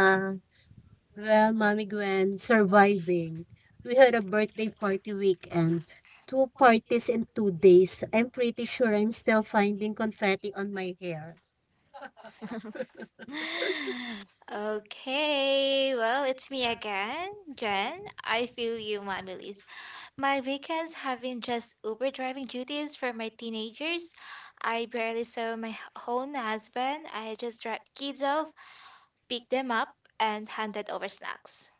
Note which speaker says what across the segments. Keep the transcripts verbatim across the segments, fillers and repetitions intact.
Speaker 1: Having written two
Speaker 2: Okay, well, it's me again, Jen. I feel you, my Millie's. My weekends have been just Uber driving duties for my teenagers. I barely saw my h- own husband. I just dropped kids off, picked them up, and handed over snacks.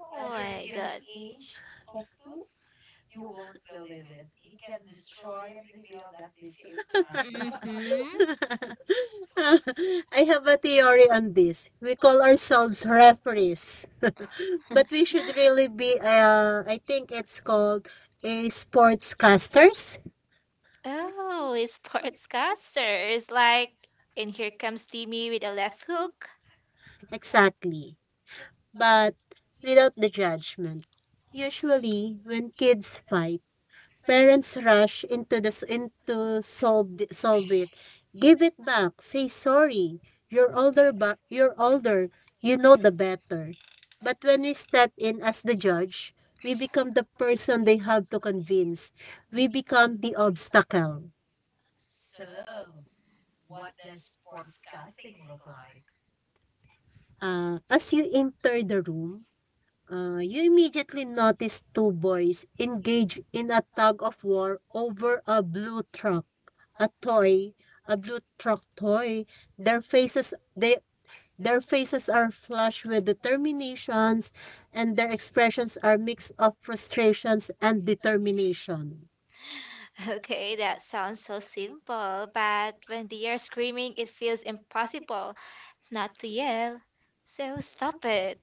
Speaker 2: Oh my god. Mm-hmm.
Speaker 1: I have a theory on this. We call ourselves
Speaker 2: Oh, a sportscaster is like, and here comes Timmy with a left hook.
Speaker 1: exactly. Parents rush into this into solve solve it toy, a blue truck toy. Their faces they their faces are flushed with determinations, and their expressions are mix of frustrations and determination.
Speaker 2: Okay, that sounds so simple, but when they are screaming, it feels impossible not to yell. So stop it.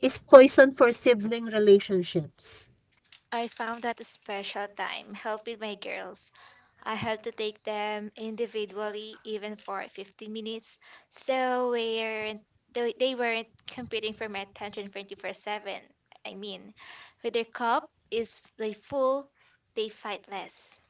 Speaker 1: Is poison for sibling relationships.
Speaker 2: I found that a special time helping my girls. I have to take them individually, even for fifteen minutes, so weren't, they they weren't competing for my attention twenty-four seven. I mean, when their cup is like full, they fight less.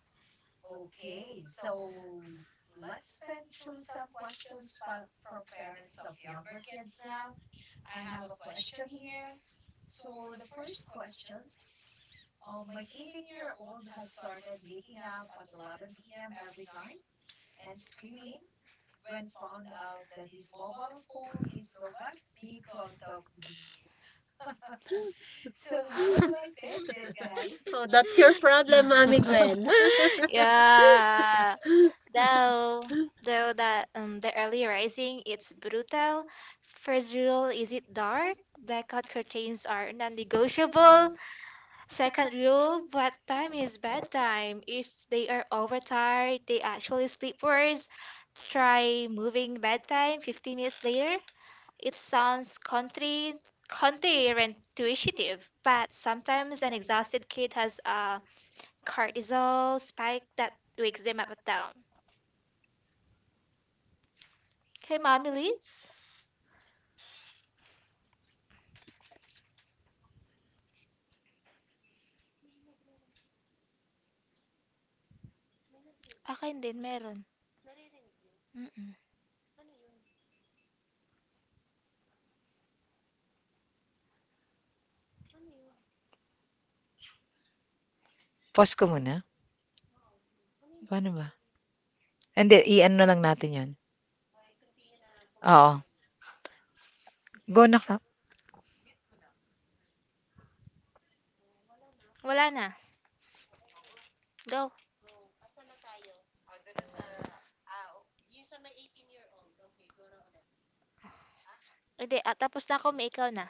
Speaker 1: Oh, that's your problem, Mommy Gwen.
Speaker 2: Yeah. Though though that um, the early rising it's brutal, first rule is it dark? Blackout curtains are non-negotiable. Second rule, what time is bedtime? If they are overtired, they actually sleep worse. Try moving bedtime fifteen minutes later. It sounds country counterintuitive, but sometimes an exhausted kid has a cortisol spike that wakes them up at dawn. Okay, mommy Liz? Akin din meron. Mm-mm.
Speaker 3: Pause ko muna? Paano ba? Hindi, i-ano na lang natin natin 'yon. Oo, go na ka.
Speaker 2: Wala na. Go. Hindi, ah, tapos na ako, may ikaw na.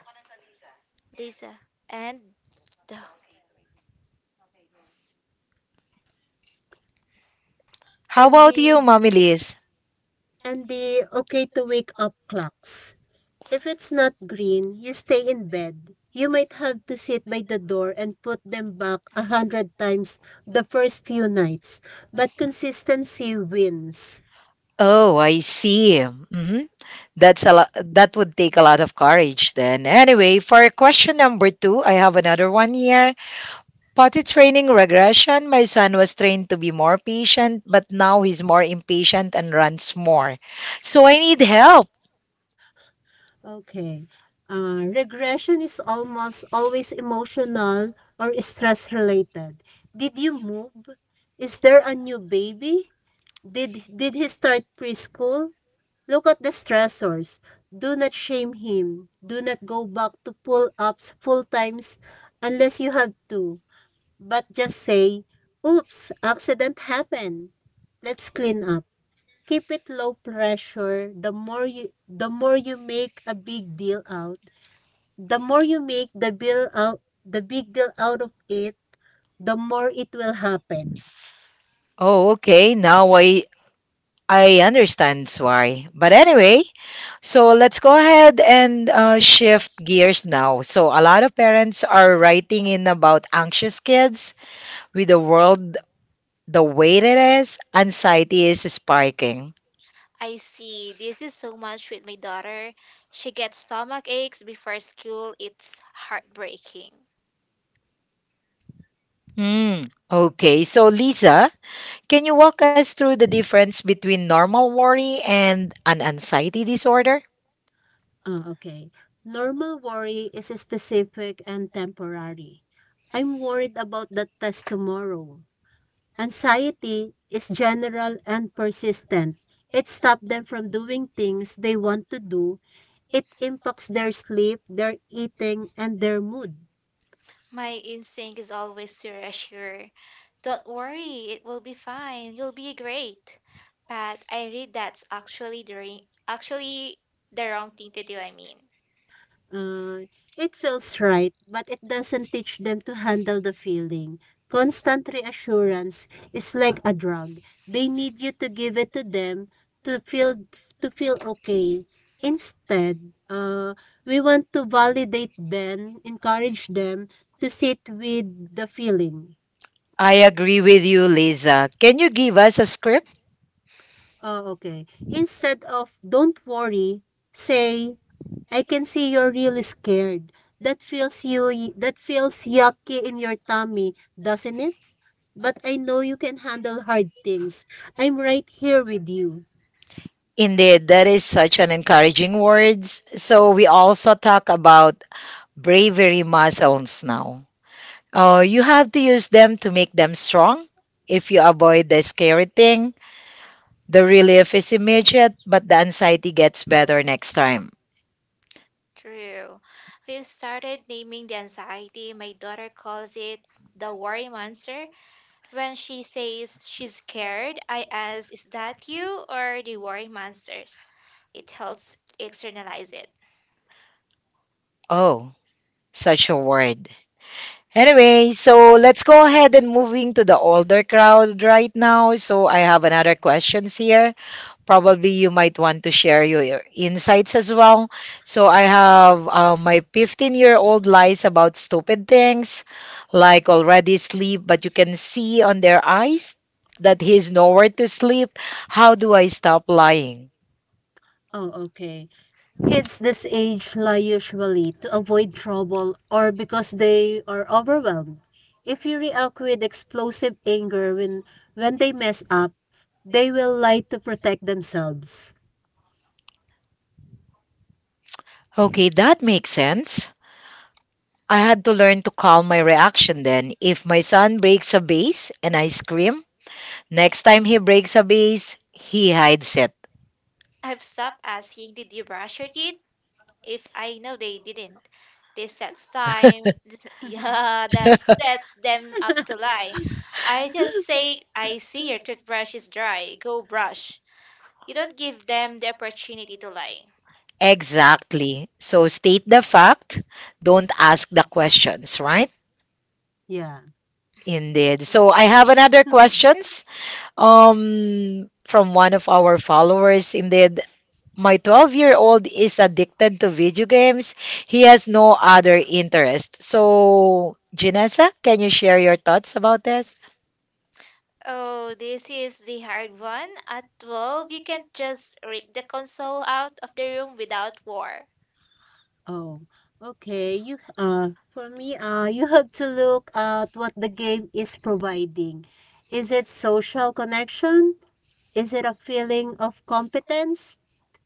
Speaker 2: Lisa. And the-
Speaker 3: How
Speaker 1: and
Speaker 3: about
Speaker 1: the
Speaker 3: you, Mommy Liz?
Speaker 1: and the okay to wake up clocks. If it's not green, you stay in bed. You might have to sit by the door and put them back a hundred times the first few nights, but consistency wins.
Speaker 3: Oh, I see. Mhm. That's a lot, that would take a lot of courage then. Anyway, for question number two, I have another one here. Potty training regression. My son was trained to be more patient, but now he's more impatient and runs more. So I need help.
Speaker 1: Okay. Uh, regression is almost always emotional or stress related. Did you move? Is there a new baby? Did did he start preschool? Look at the stressors. Do not shame him. Do not go back to pull-ups full times unless you have to. But just say, "Oops, accident happened. Let's clean up." Keep it low pressure. The more you the more you make a big deal out the more you make the bill out the big deal out of it, the more it will happen.
Speaker 3: Oh, okay. Now I I understand why. But anyway, so let's go ahead and uh, shift gears now. So a lot of parents are writing in about anxious kids with the world the way it is, anxiety is spiking.
Speaker 2: I see. This is so much with my daughter. She gets stomach aches before school. It's heartbreaking.
Speaker 3: Hmm. Okay, so Lisa, can you walk us through the difference between normal worry and an anxiety disorder?
Speaker 1: Ah, okay, normal worry is specific and temporary. I'm worried about that test tomorrow. Anxiety is general and persistent. It stops them from doing things they want to do. It impacts their sleep, their eating, and their mood.
Speaker 2: My instinct is always to reassure. Don't worry, it will be fine. You'll be great. But I read that's actually the re- actually the wrong thing to do, I mean.
Speaker 1: Uh, it feels right, but it doesn't teach them to handle the feeling. Constant reassurance is like a drug. They need you to give it to them to feel to feel okay. Instead, uh, we want to validate them, encourage them to sit with the feeling.
Speaker 3: I agree with you, Lisa. Can you give us a script?
Speaker 1: Oh, okay. Instead of don't worry, say I can see you're really scared. That feels you that feels yucky in your tummy, doesn't it? But I know you can handle hard things. I'm right here with you.
Speaker 3: Indeed, that is such an encouraging words. So we also talk about bravery muscles now. Oh, you have to use them to make them strong. If you avoid the scary thing, the relief is immediate, but the anxiety gets better next time.
Speaker 2: True. We've started naming the anxiety. My daughter calls it the worry monster. When she says she's scared, I ask, is that you or the worry monsters? It helps externalize it.
Speaker 3: Oh, such a word. Anyway, so let's go ahead and moving to the older crowd right now. So I have another questions here. Probably you might want to share your insights as well. So I have uh, my fifteen-year-old lies about stupid things, like already sleep, but you can see on their eyes that he's nowhere to sleep. How do I stop lying?
Speaker 1: Oh, okay. Kids this age lie usually to avoid trouble or because they are overwhelmed. If you react with explosive anger when when they mess up, they will lie to protect themselves.
Speaker 3: Okay, that makes sense. I had to learn to calm my reaction then. If my son breaks a vase and I scream, next time he breaks a vase, he hides it.
Speaker 2: I've stopped asking, did you brush your teeth? If I know they didn't. This sets time. This, yeah, that sets them up to lie. I just say, I see your toothbrush is dry. Go brush. You don't give them the opportunity to lie.
Speaker 3: Exactly. So state the fact, don't ask the questions, right?
Speaker 1: Yeah.
Speaker 3: Indeed. So I have
Speaker 2: The,
Speaker 3: another questions um from one of our followers. Indeed, my twelve-year-old is addicted to video games. He has no other interest. So, Janessa, can you share your thoughts about this?
Speaker 2: oh, this is the hard one. At twelve, you can't just rip the console out of the room without war.
Speaker 1: Oh, okay. You uh for me, uh you have to look at what the game is providing. Is it social connection? Is it a feeling of competence?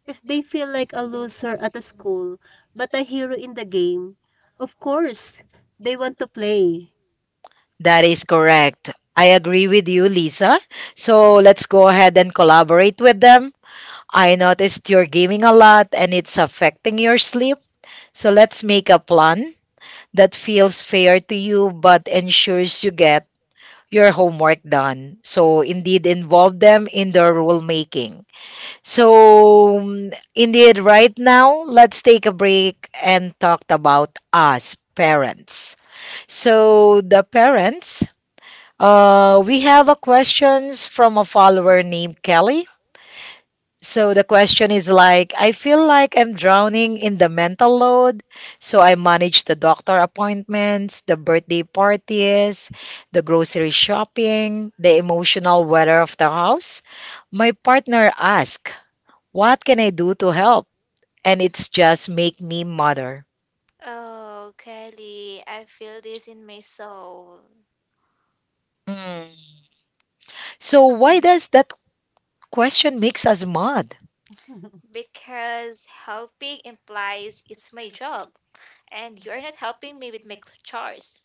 Speaker 1: If they feel like a loser at a school, but a hero in the game, of course, they want to play.
Speaker 3: That is correct. I agree with you, Lisa. So let's go ahead and collaborate with them. I noticed you're gaming a lot and it's affecting your sleep. So let's make a plan that feels fair to you but ensures you get your homework done. So indeed involve them in the rule making. So mm, indeed right now let's take a break and talk about us parents. So the parents uh, we have a questions from a follower named Kelly. So the question is like, I feel like I'm drowning in the mental load. So I manage the doctor appointments, the birthday parties, the grocery shopping, the emotional weather of the house. My partner asks, what can I do to help? And it's just make me mother.
Speaker 2: Oh, Kelly, I feel this in my soul.
Speaker 3: Mm. So why does that question makes us mad?
Speaker 2: Because helping implies it's my job, and you're not helping me with my cl- chores.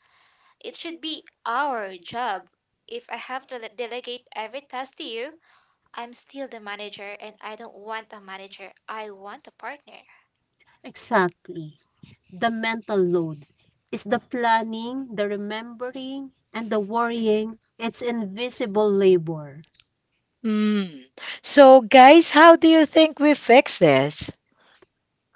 Speaker 2: It should be our job. If I have to le- delegate every task to you, I'm still the manager, and I don't want a manager. I want a partner.
Speaker 1: Exactly. The mental load is the planning, the remembering, and the worrying. It's invisible labor.
Speaker 3: Hmm. So guys, how do you think we fix this?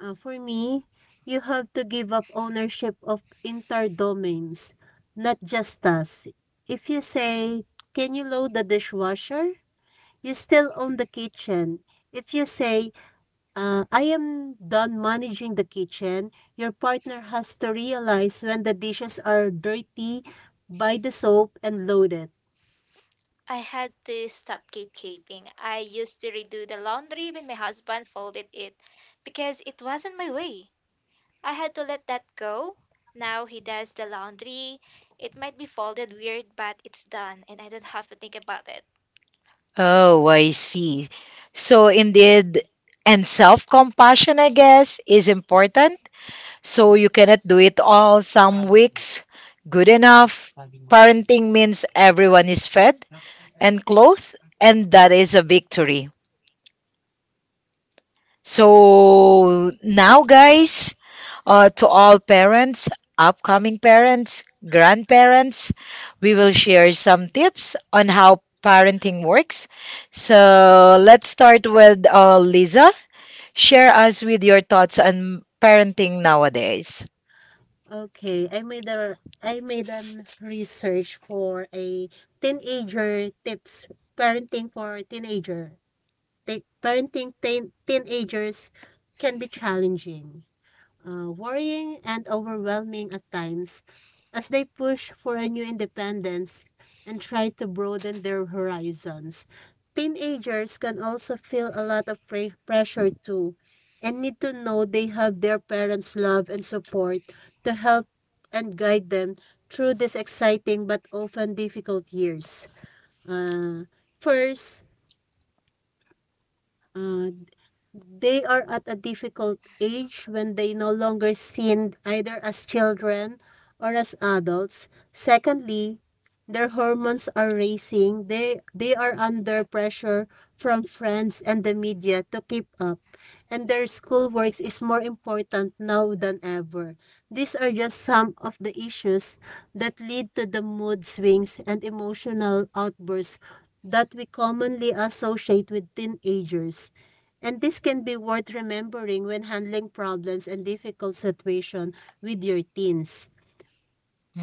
Speaker 1: Uh, for me, you have to give up ownership of entire domains, not just us. If you say, "Can you load the dishwasher?" You still own the kitchen. If you say, uh, "I am done managing the kitchen," your partner has to realize the buy the soap.
Speaker 2: I had to stop gatekeeping. I used to redo the laundry when my husband folded it because it wasn't my way. I had to let that go. Now he does the laundry. It might be folded weird, but it's done and I don't have to think about it.
Speaker 3: Oh, I see. So indeed, and self-compassion, I guess, is important. So you cannot do it all some weeks. Good enough. Parenting means everyone is fed and clothed, and that is a victory. So now, guys, Uh, to all parents, upcoming parents, grandparents, we will share some tips on how parenting works. So let's start with uh, Lisa. Share us with your thoughts on parenting nowadays.
Speaker 1: Okay, I made a I made an research for a teenager tips, parenting for teenager. parenting teen- teenagers can be challenging, uh, worrying, and overwhelming at times as they push for a new independence and try to broaden their horizons. Teenagers can also feel a lot of pre- pressure too and need to know they have their parents' love and support to help and guide them through these exciting but often difficult years. Uh, first, Uh, they are at a difficult age when they no longer seen either as children or as adults. Secondly, their hormones are racing. They they are under pressure from friends and the media to keep up, and their schoolwork is more important now than ever. These are just some of the issues that lead to the mood swings and emotional outbursts that we commonly associate with teenagers. And this can be worth remembering when handling problems and difficult situations with your teens.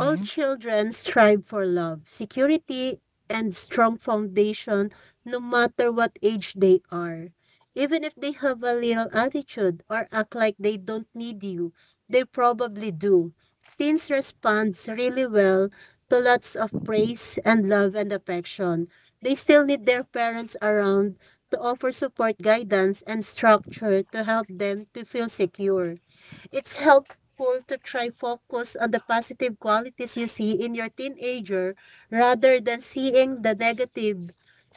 Speaker 1: All children strive for love, security, and strong foundation no matter what age they are. Even if they have a little attitude or act like they don't need you, they probably do. Teens respond really well to lots of praise and love and affection. They still need their parents around to offer support, guidance, and structure to help them to feel secure. It's help helpful to try focus on the positive qualities you see in your teenager rather than seeing the negative.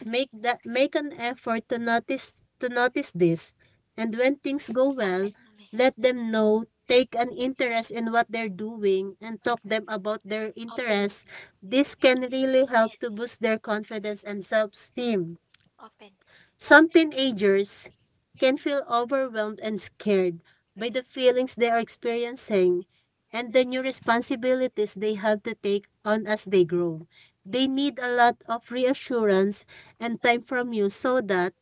Speaker 1: Make that make an effort to notice to notice this. And when things go
Speaker 2: One
Speaker 1: well, let
Speaker 2: moment.
Speaker 1: them know, take an interest in what they're doing and talk them about their
Speaker 2: Open mo
Speaker 1: interests.
Speaker 2: to.
Speaker 1: This can really help
Speaker 2: Ayan,
Speaker 1: to
Speaker 2: Ito.
Speaker 1: boost their confidence and self-esteem.
Speaker 2: Open.
Speaker 1: Some teenagers can feel overwhelmed and scared by the feelings they are experiencing and the new responsibilities they have to take on as they grow. They need a lot of reassurance and time from you so that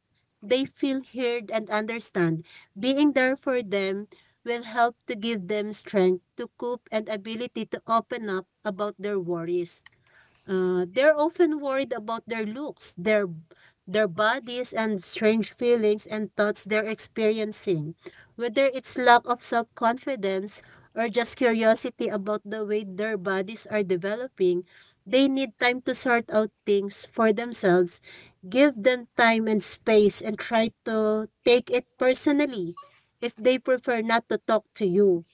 Speaker 1: they feel heard and understand. Being there for them will help to give them strength to cope and ability to open up about their worries. Uh, they're often worried about their looks, their their bodies and strange feelings and thoughts they're experiencing, whether it's lack of self-confidence or just curiosity about the way their bodies are developing, they need time to sort out things for themselves, give them time and space and try to take it personally if they prefer not to talk to you.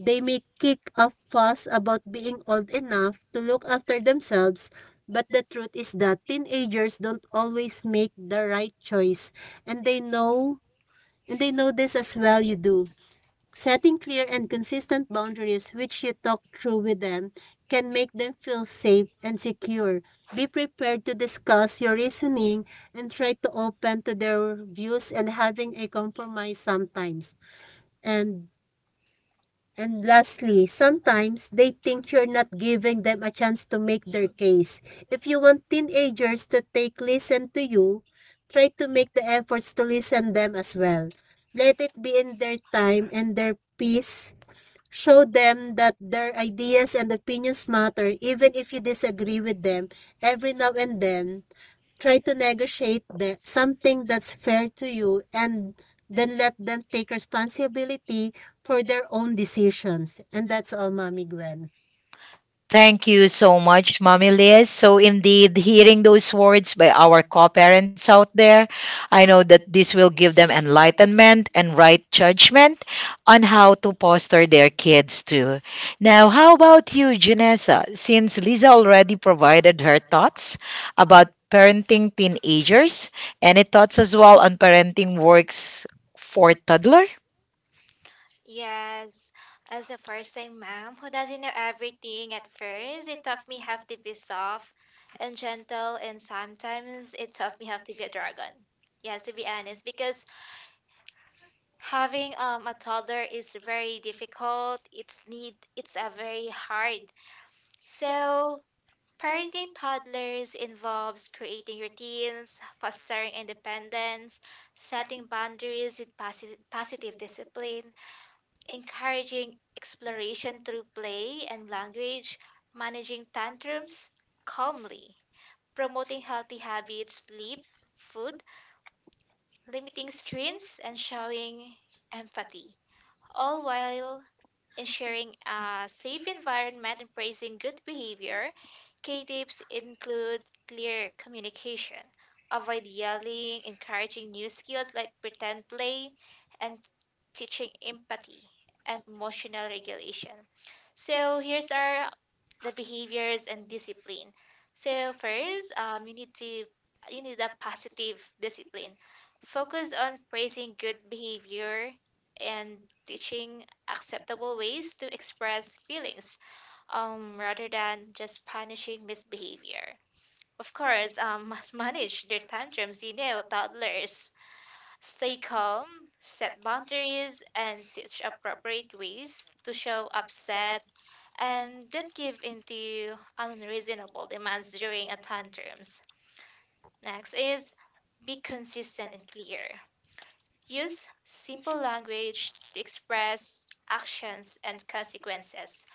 Speaker 1: They may kick a fuss about being old enough to look after themselves, but the truth is that teenagers don't always make the right choice, and they know and they know this as well you do. Setting clear and consistent boundaries which you talk through with them can make them feel safe and secure. Be prepared to discuss your reasoning and try to open to their views and having a compromise sometimes. And And lastly, sometimes they think you're not giving them a chance to make their case. If you want teenagers to take listen to you, try to make the efforts to listen them as well. Let it be in their time and their peace show them that their ideas and opinions matter even if you disagree with them every now and then try to negotiate the, something that's fair to you and then let them take responsibility for their own decisions and that's all mommy gwen.
Speaker 3: Thank you so much, Mommy Liz. So, indeed, hearing those words by our co parents out there, I know that this will give them enlightenment and right judgment on how to foster their kids too. Now, how about you, Janessa? Since Lisa already provided her thoughts about parenting teenagers, any thoughts as well on parenting works for toddler?
Speaker 2: Yes, as a first time mom who doesn't know everything at first, it taught me how to be soft and gentle, and sometimes it taught me how to be a dragon. Yes, to be honest, because having um, a toddler is very difficult. It's need it's a very hard. So parenting toddlers involves creating routines, fostering independence, setting boundaries with posi- positive discipline encouraging exploration through play and language, managing tantrums calmly, promoting healthy habits, sleep, food, limiting screens, and showing empathy, all while ensuring a safe environment and praising good behavior. K tips include clear communication, avoid yelling, encouraging new skills like pretend play, and teaching empathy and emotional regulation. So here's our the behaviors and discipline. So first, um, you need to you need a positive discipline. Focus on praising good behavior and teaching acceptable ways to express feelings, um, rather than just punishing misbehavior. Of course, um, must manage their tantrums. You know, toddlers stay calm, set boundaries, and teach appropriate ways to show upset and don't give in to unreasonable demands during a tantrums. Next is be consistent and clear. Use simple language to express actions and consequences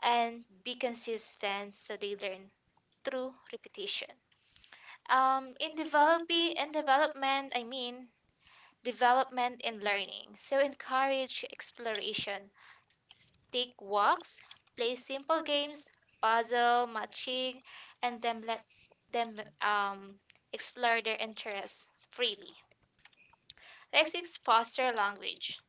Speaker 2: and be consistent so they learn through repetition. Um, in developing in development, I mean, development and learning. So encourage exploration. Take walks, play simple games, puzzle, matching, and then let them um, explore their interests freely. Next is foster language.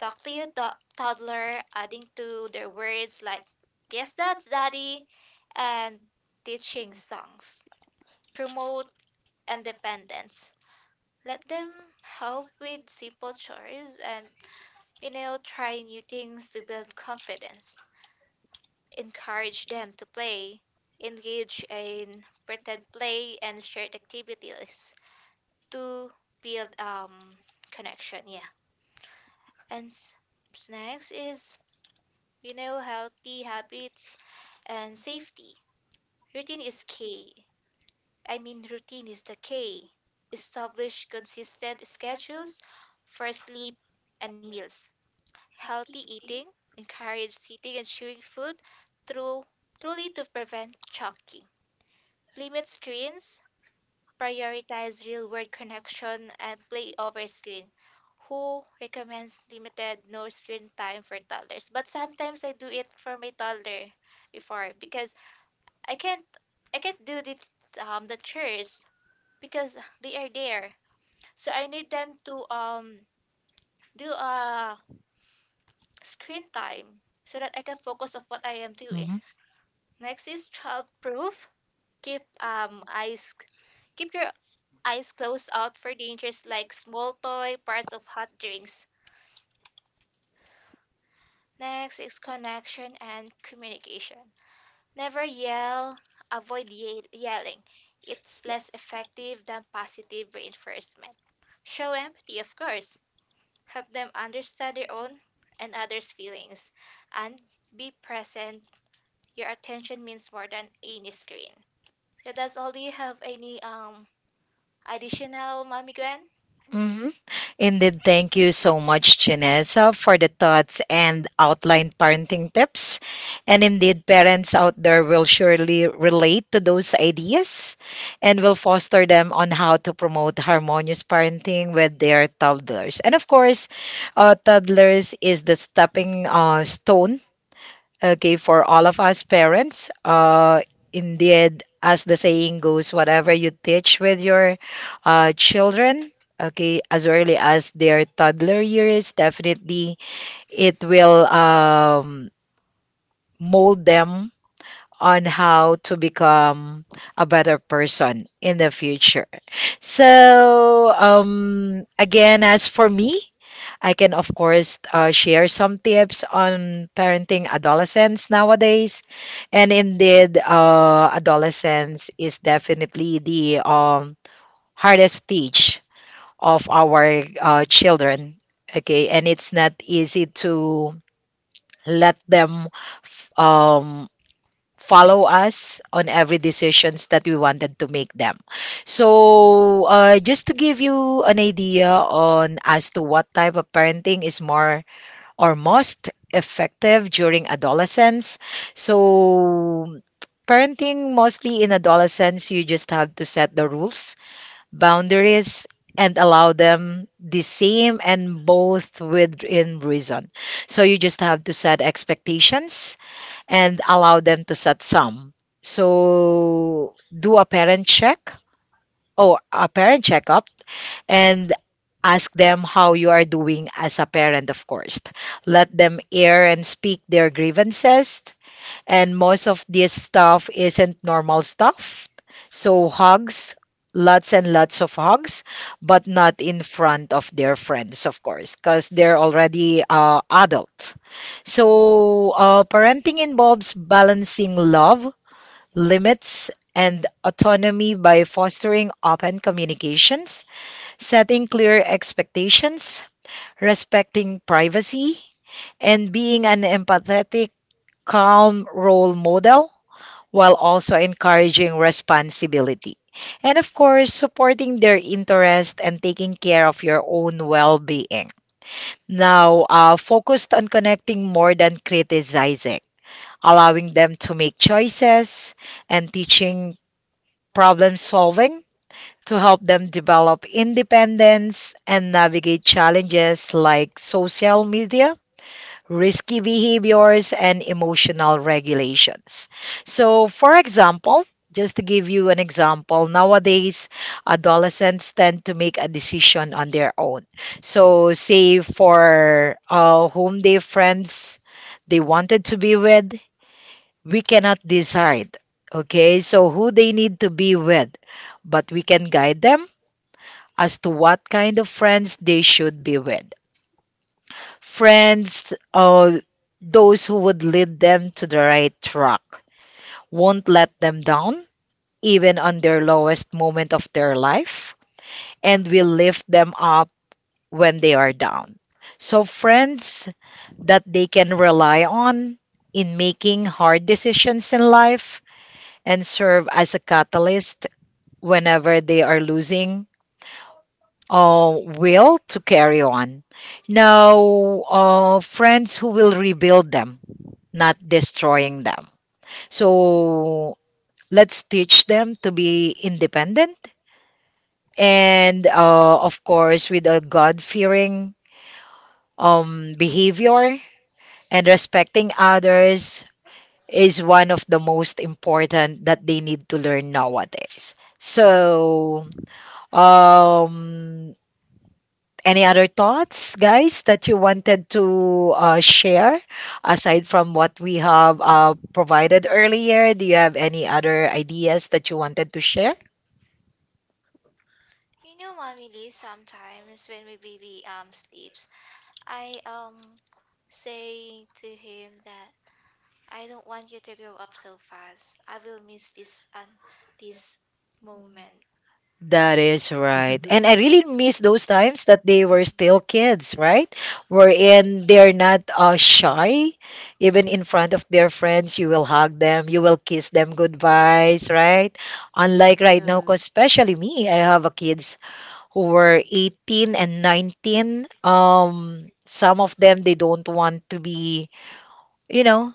Speaker 2: Talk to your do- toddler, adding to their words like "Yes, that's daddy," and teaching songs. Promote independence. Let them help with simple chores and, you know, try new things to build confidence, encourage them to play, engage in pretend play and shared activities to build um connection. Yeah, and s- next is, you know, healthy habits and safety. Routine is key. I mean, routine is the key. Establish consistent schedules for sleep and meals, healthy eating, encourage sitting and chewing food through truly to prevent choking. Limit screens, prioritize real world connection and play over screen. Who recommends limited no screen time for toddlers? But sometimes I do it for my toddler before because I can't I can't do the um the chores because they are there. So I need them to um do a screen time so that I can focus of what I am doing. Next is childproof. Keep um eyes keep your eyes closed out for dangers like small toy, parts of hot drinks. Next is connection and communication. Never yell, avoid ye- yelling. It's less effective than positive reinforcement. Show empathy, of course. Help them understand their own and others' feelings. And be present. Your attention means more than any screen. So that's all. Do you have any um additional, Mommy Gwen?
Speaker 3: Hmm. Indeed, thank you so much, Chinesa, for the thoughts and outline parenting tips. And indeed, parents out there will surely relate to those ideas and will foster them on how to promote harmonious parenting with their toddlers. And of course, uh, toddlers is the stepping uh, stone. Okay, for all of us parents, uh, indeed, as the saying goes, whatever you teach with your uh, children, okay, as early as their toddler years, definitely it will um, mold them on how to become a better person in the future. So, um, again, as for me, I can, of course, uh, share some tips on parenting adolescents nowadays. And indeed, uh, adolescence is definitely the um, hardest stage of our uh, children. Okay, and it's not easy to let them f- um, follow us on every decisions that we wanted to make them. So, uh, just to give you an idea on as to what type of parenting is more or most effective during adolescence. So, parenting mostly in adolescence, you just have to set the rules, boundaries, and allow them the same and both within reason. So you just have to set expectations and allow them to set some. So do a parent check or a parent checkup and ask them how you are doing as a parent, of course. Let them air and speak their grievances and most of this stuff isn't normal stuff. So hugs, lots and lots of hugs, but not in front of their friends, of course, because they're already uh, adult. So uh, parenting involves balancing love, limits, and autonomy by fostering open communications, setting clear expectations, respecting privacy, and being an empathetic, calm role model while also encouraging responsibility. And of course, supporting their interest and taking care of your own well being. Now, uh, focused on connecting more than criticizing, allowing them to make choices and teaching problem solving to help them develop independence and navigate challenges like social media risky behaviors, and emotional regulations. So, for example, just to give you an example, nowadays adolescents tend to make a decision on their own. So, say for uh, whom their friends they wanted to be with, we cannot decide. Okay, so who they need to be with, but we can guide them as to what kind of friends they should be with. Friends, uh, those who would lead them to the right track, won't let them down, even on their lowest moment of their life, and will lift them up when they are down. So, friends that they can rely on in making hard decisions in life and serve as a catalyst whenever they are losing uh, will to carry on. Now, uh, friends who will rebuild them not destroying them. So let's teach them to be independent and, uh, of course, with a God fearing um, behavior and respecting others is one of the most important that they need to learn nowadays. So, um, any other thoughts, guys, that you wanted to uh, share aside from what we have uh, provided earlier? Do you have any other ideas that you wanted to share?
Speaker 2: You know, Mommy Lee, sometimes when my baby um sleeps, I um say to him that I don't want you to grow up so fast. I will miss this and this moment.
Speaker 3: That is right. And I really miss those times that they
Speaker 2: Mm.
Speaker 3: were still kids, right?
Speaker 2: Yes.
Speaker 3: Wherein they're not uh, shy. Even in front of their friends, you will hug them, you will kiss them goodbyes, right? Unlike right now,
Speaker 1: Yeah.
Speaker 3: 'cause especially me, I have a kids who were eighteen and nineteen. Um, some of them, they don't want to be, you know,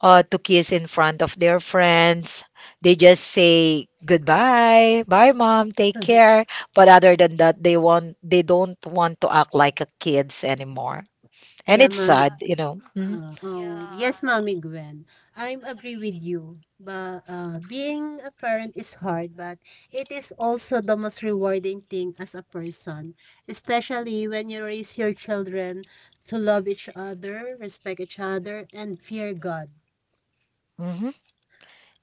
Speaker 3: uh, to kiss in front of their friends. They just say goodbye, bye, mom, take care. But other than that, they want, they don't want to act like a kids anymore. And
Speaker 1: Yeah,
Speaker 3: it's
Speaker 2: Mm.
Speaker 1: mommy.
Speaker 3: sad, you know. Mm-hmm.
Speaker 1: Uh, oh, yes, Mommy Gwen. I agree with you. But uh, being a parent is hard, but it is also the most rewarding thing as a person, especially when you raise your children to love each other, respect each other, and fear God.
Speaker 3: Mm-hmm.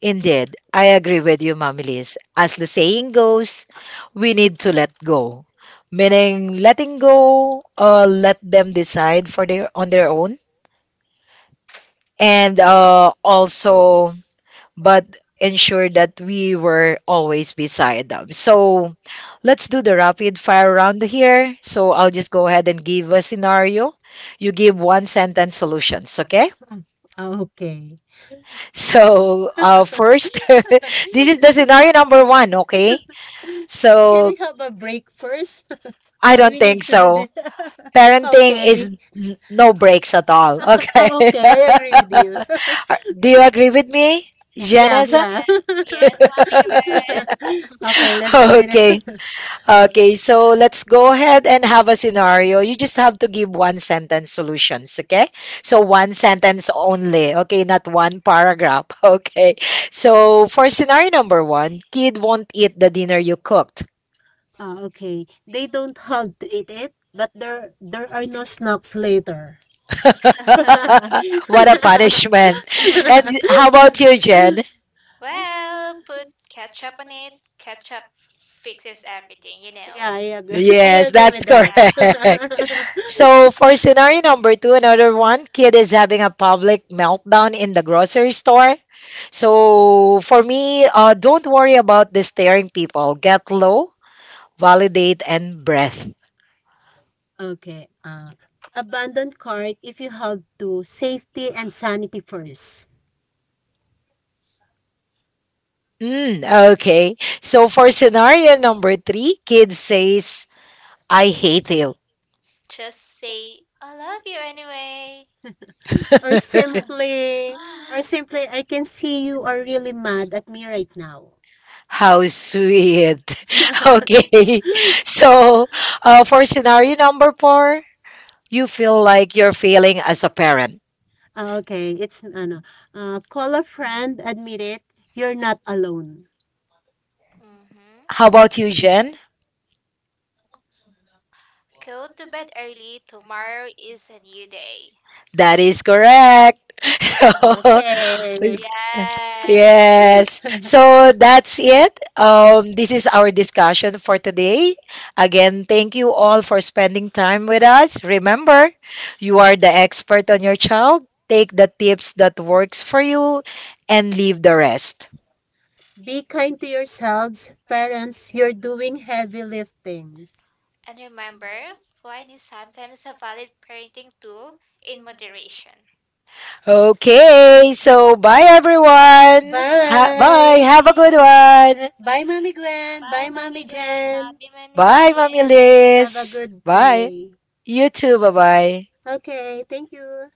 Speaker 3: Indeed, I agree with you, Mamilis. As the saying goes, we need to let go. Meaning, letting go, uh, let them decide for their on their own, and uh, also, but ensure that we were always beside them. So, let's do the rapid fire round here. So, I'll just go ahead and give a scenario. You give one sentence solutions, okay?
Speaker 1: Ah, Okay.
Speaker 3: So, uh, first, this
Speaker 1: has
Speaker 3: is the scenario number one, okay?
Speaker 1: Can
Speaker 3: So
Speaker 1: we have a break first?
Speaker 3: I
Speaker 1: Or do
Speaker 3: don't
Speaker 1: we
Speaker 3: think
Speaker 1: need to do so this?
Speaker 3: so. Parenting
Speaker 1: Okay.
Speaker 3: is n- no breaks at all. Okay.
Speaker 1: Oh, okay. I agree with you.
Speaker 3: Do you agree with me,
Speaker 1: Yeah,
Speaker 3: Janessa?
Speaker 1: yeah.
Speaker 2: Yeah.
Speaker 1: Okay, let's finish.
Speaker 3: Okay. Okay. So let's go ahead and have a scenario. You just have to give one sentence solutions. Okay. So one sentence only. Okay. Not one paragraph. Okay. So for scenario number one, kid won't eat the dinner you cooked.
Speaker 1: Ah, okay. They don't have to eat it, but there there are no snacks later.
Speaker 3: What a punishment. And how about you, Jen?
Speaker 2: Well, put ketchup on it. Ketchup fixes everything, you
Speaker 1: Yeah,
Speaker 2: know.
Speaker 1: I agree. I
Speaker 3: Yes,
Speaker 1: agree
Speaker 3: that's
Speaker 1: with that.
Speaker 3: correct.
Speaker 2: Yes.
Speaker 3: So, for scenario number two, another one, kid is having a public meltdown in the grocery store. So, for me, uh, don't worry about the staring people. Get low, validate, and breath.
Speaker 1: Okay. Uh, abandon cart if you have to. Safety and sanity first.
Speaker 3: Mm, okay. So, for scenario number three, kid says, I hate you.
Speaker 2: Just say, I love you anyway.
Speaker 1: Or simply, or simply, I can see you are really mad at me right now.
Speaker 3: How sweet. Okay. So, uh, for scenario number four, you feel like you're failing as a parent.
Speaker 1: Ah, Okay, it's ano, uh, call a friend, admit it, you're not alone.
Speaker 2: Hmm.
Speaker 3: How about you, Jen?
Speaker 2: Go to bed early. Tomorrow is a new day.
Speaker 3: That is correct. So,
Speaker 1: Okay.
Speaker 2: Yes.
Speaker 3: yes.
Speaker 1: Yes.
Speaker 3: So that's it. Um, this is our discussion for today. Again, thank you all for spending time with us. Remember, you are the expert on your child. Take the tips that works for you and leave the rest.
Speaker 1: Be kind to yourselves, parents, you're doing heavy lifting.
Speaker 2: And remember, wine is sometimes a valid parenting tool in moderation.
Speaker 3: Okay, so bye everyone. Ha- bye.
Speaker 1: Bye.
Speaker 3: Have a good
Speaker 2: Bye.
Speaker 3: one.
Speaker 1: Bye, Mommy Gwen.
Speaker 2: Bye,
Speaker 1: Bye,
Speaker 2: Mommy
Speaker 1: Mommy
Speaker 2: Gwen.
Speaker 1: Jen.
Speaker 2: Bye, Mommy
Speaker 3: Bye,
Speaker 2: Lee.
Speaker 3: Mommy
Speaker 2: Yes.
Speaker 1: Have a
Speaker 3: Liz.
Speaker 1: good
Speaker 3: Bye.
Speaker 1: day.
Speaker 3: You too. Bye bye.
Speaker 1: Okay, thank you.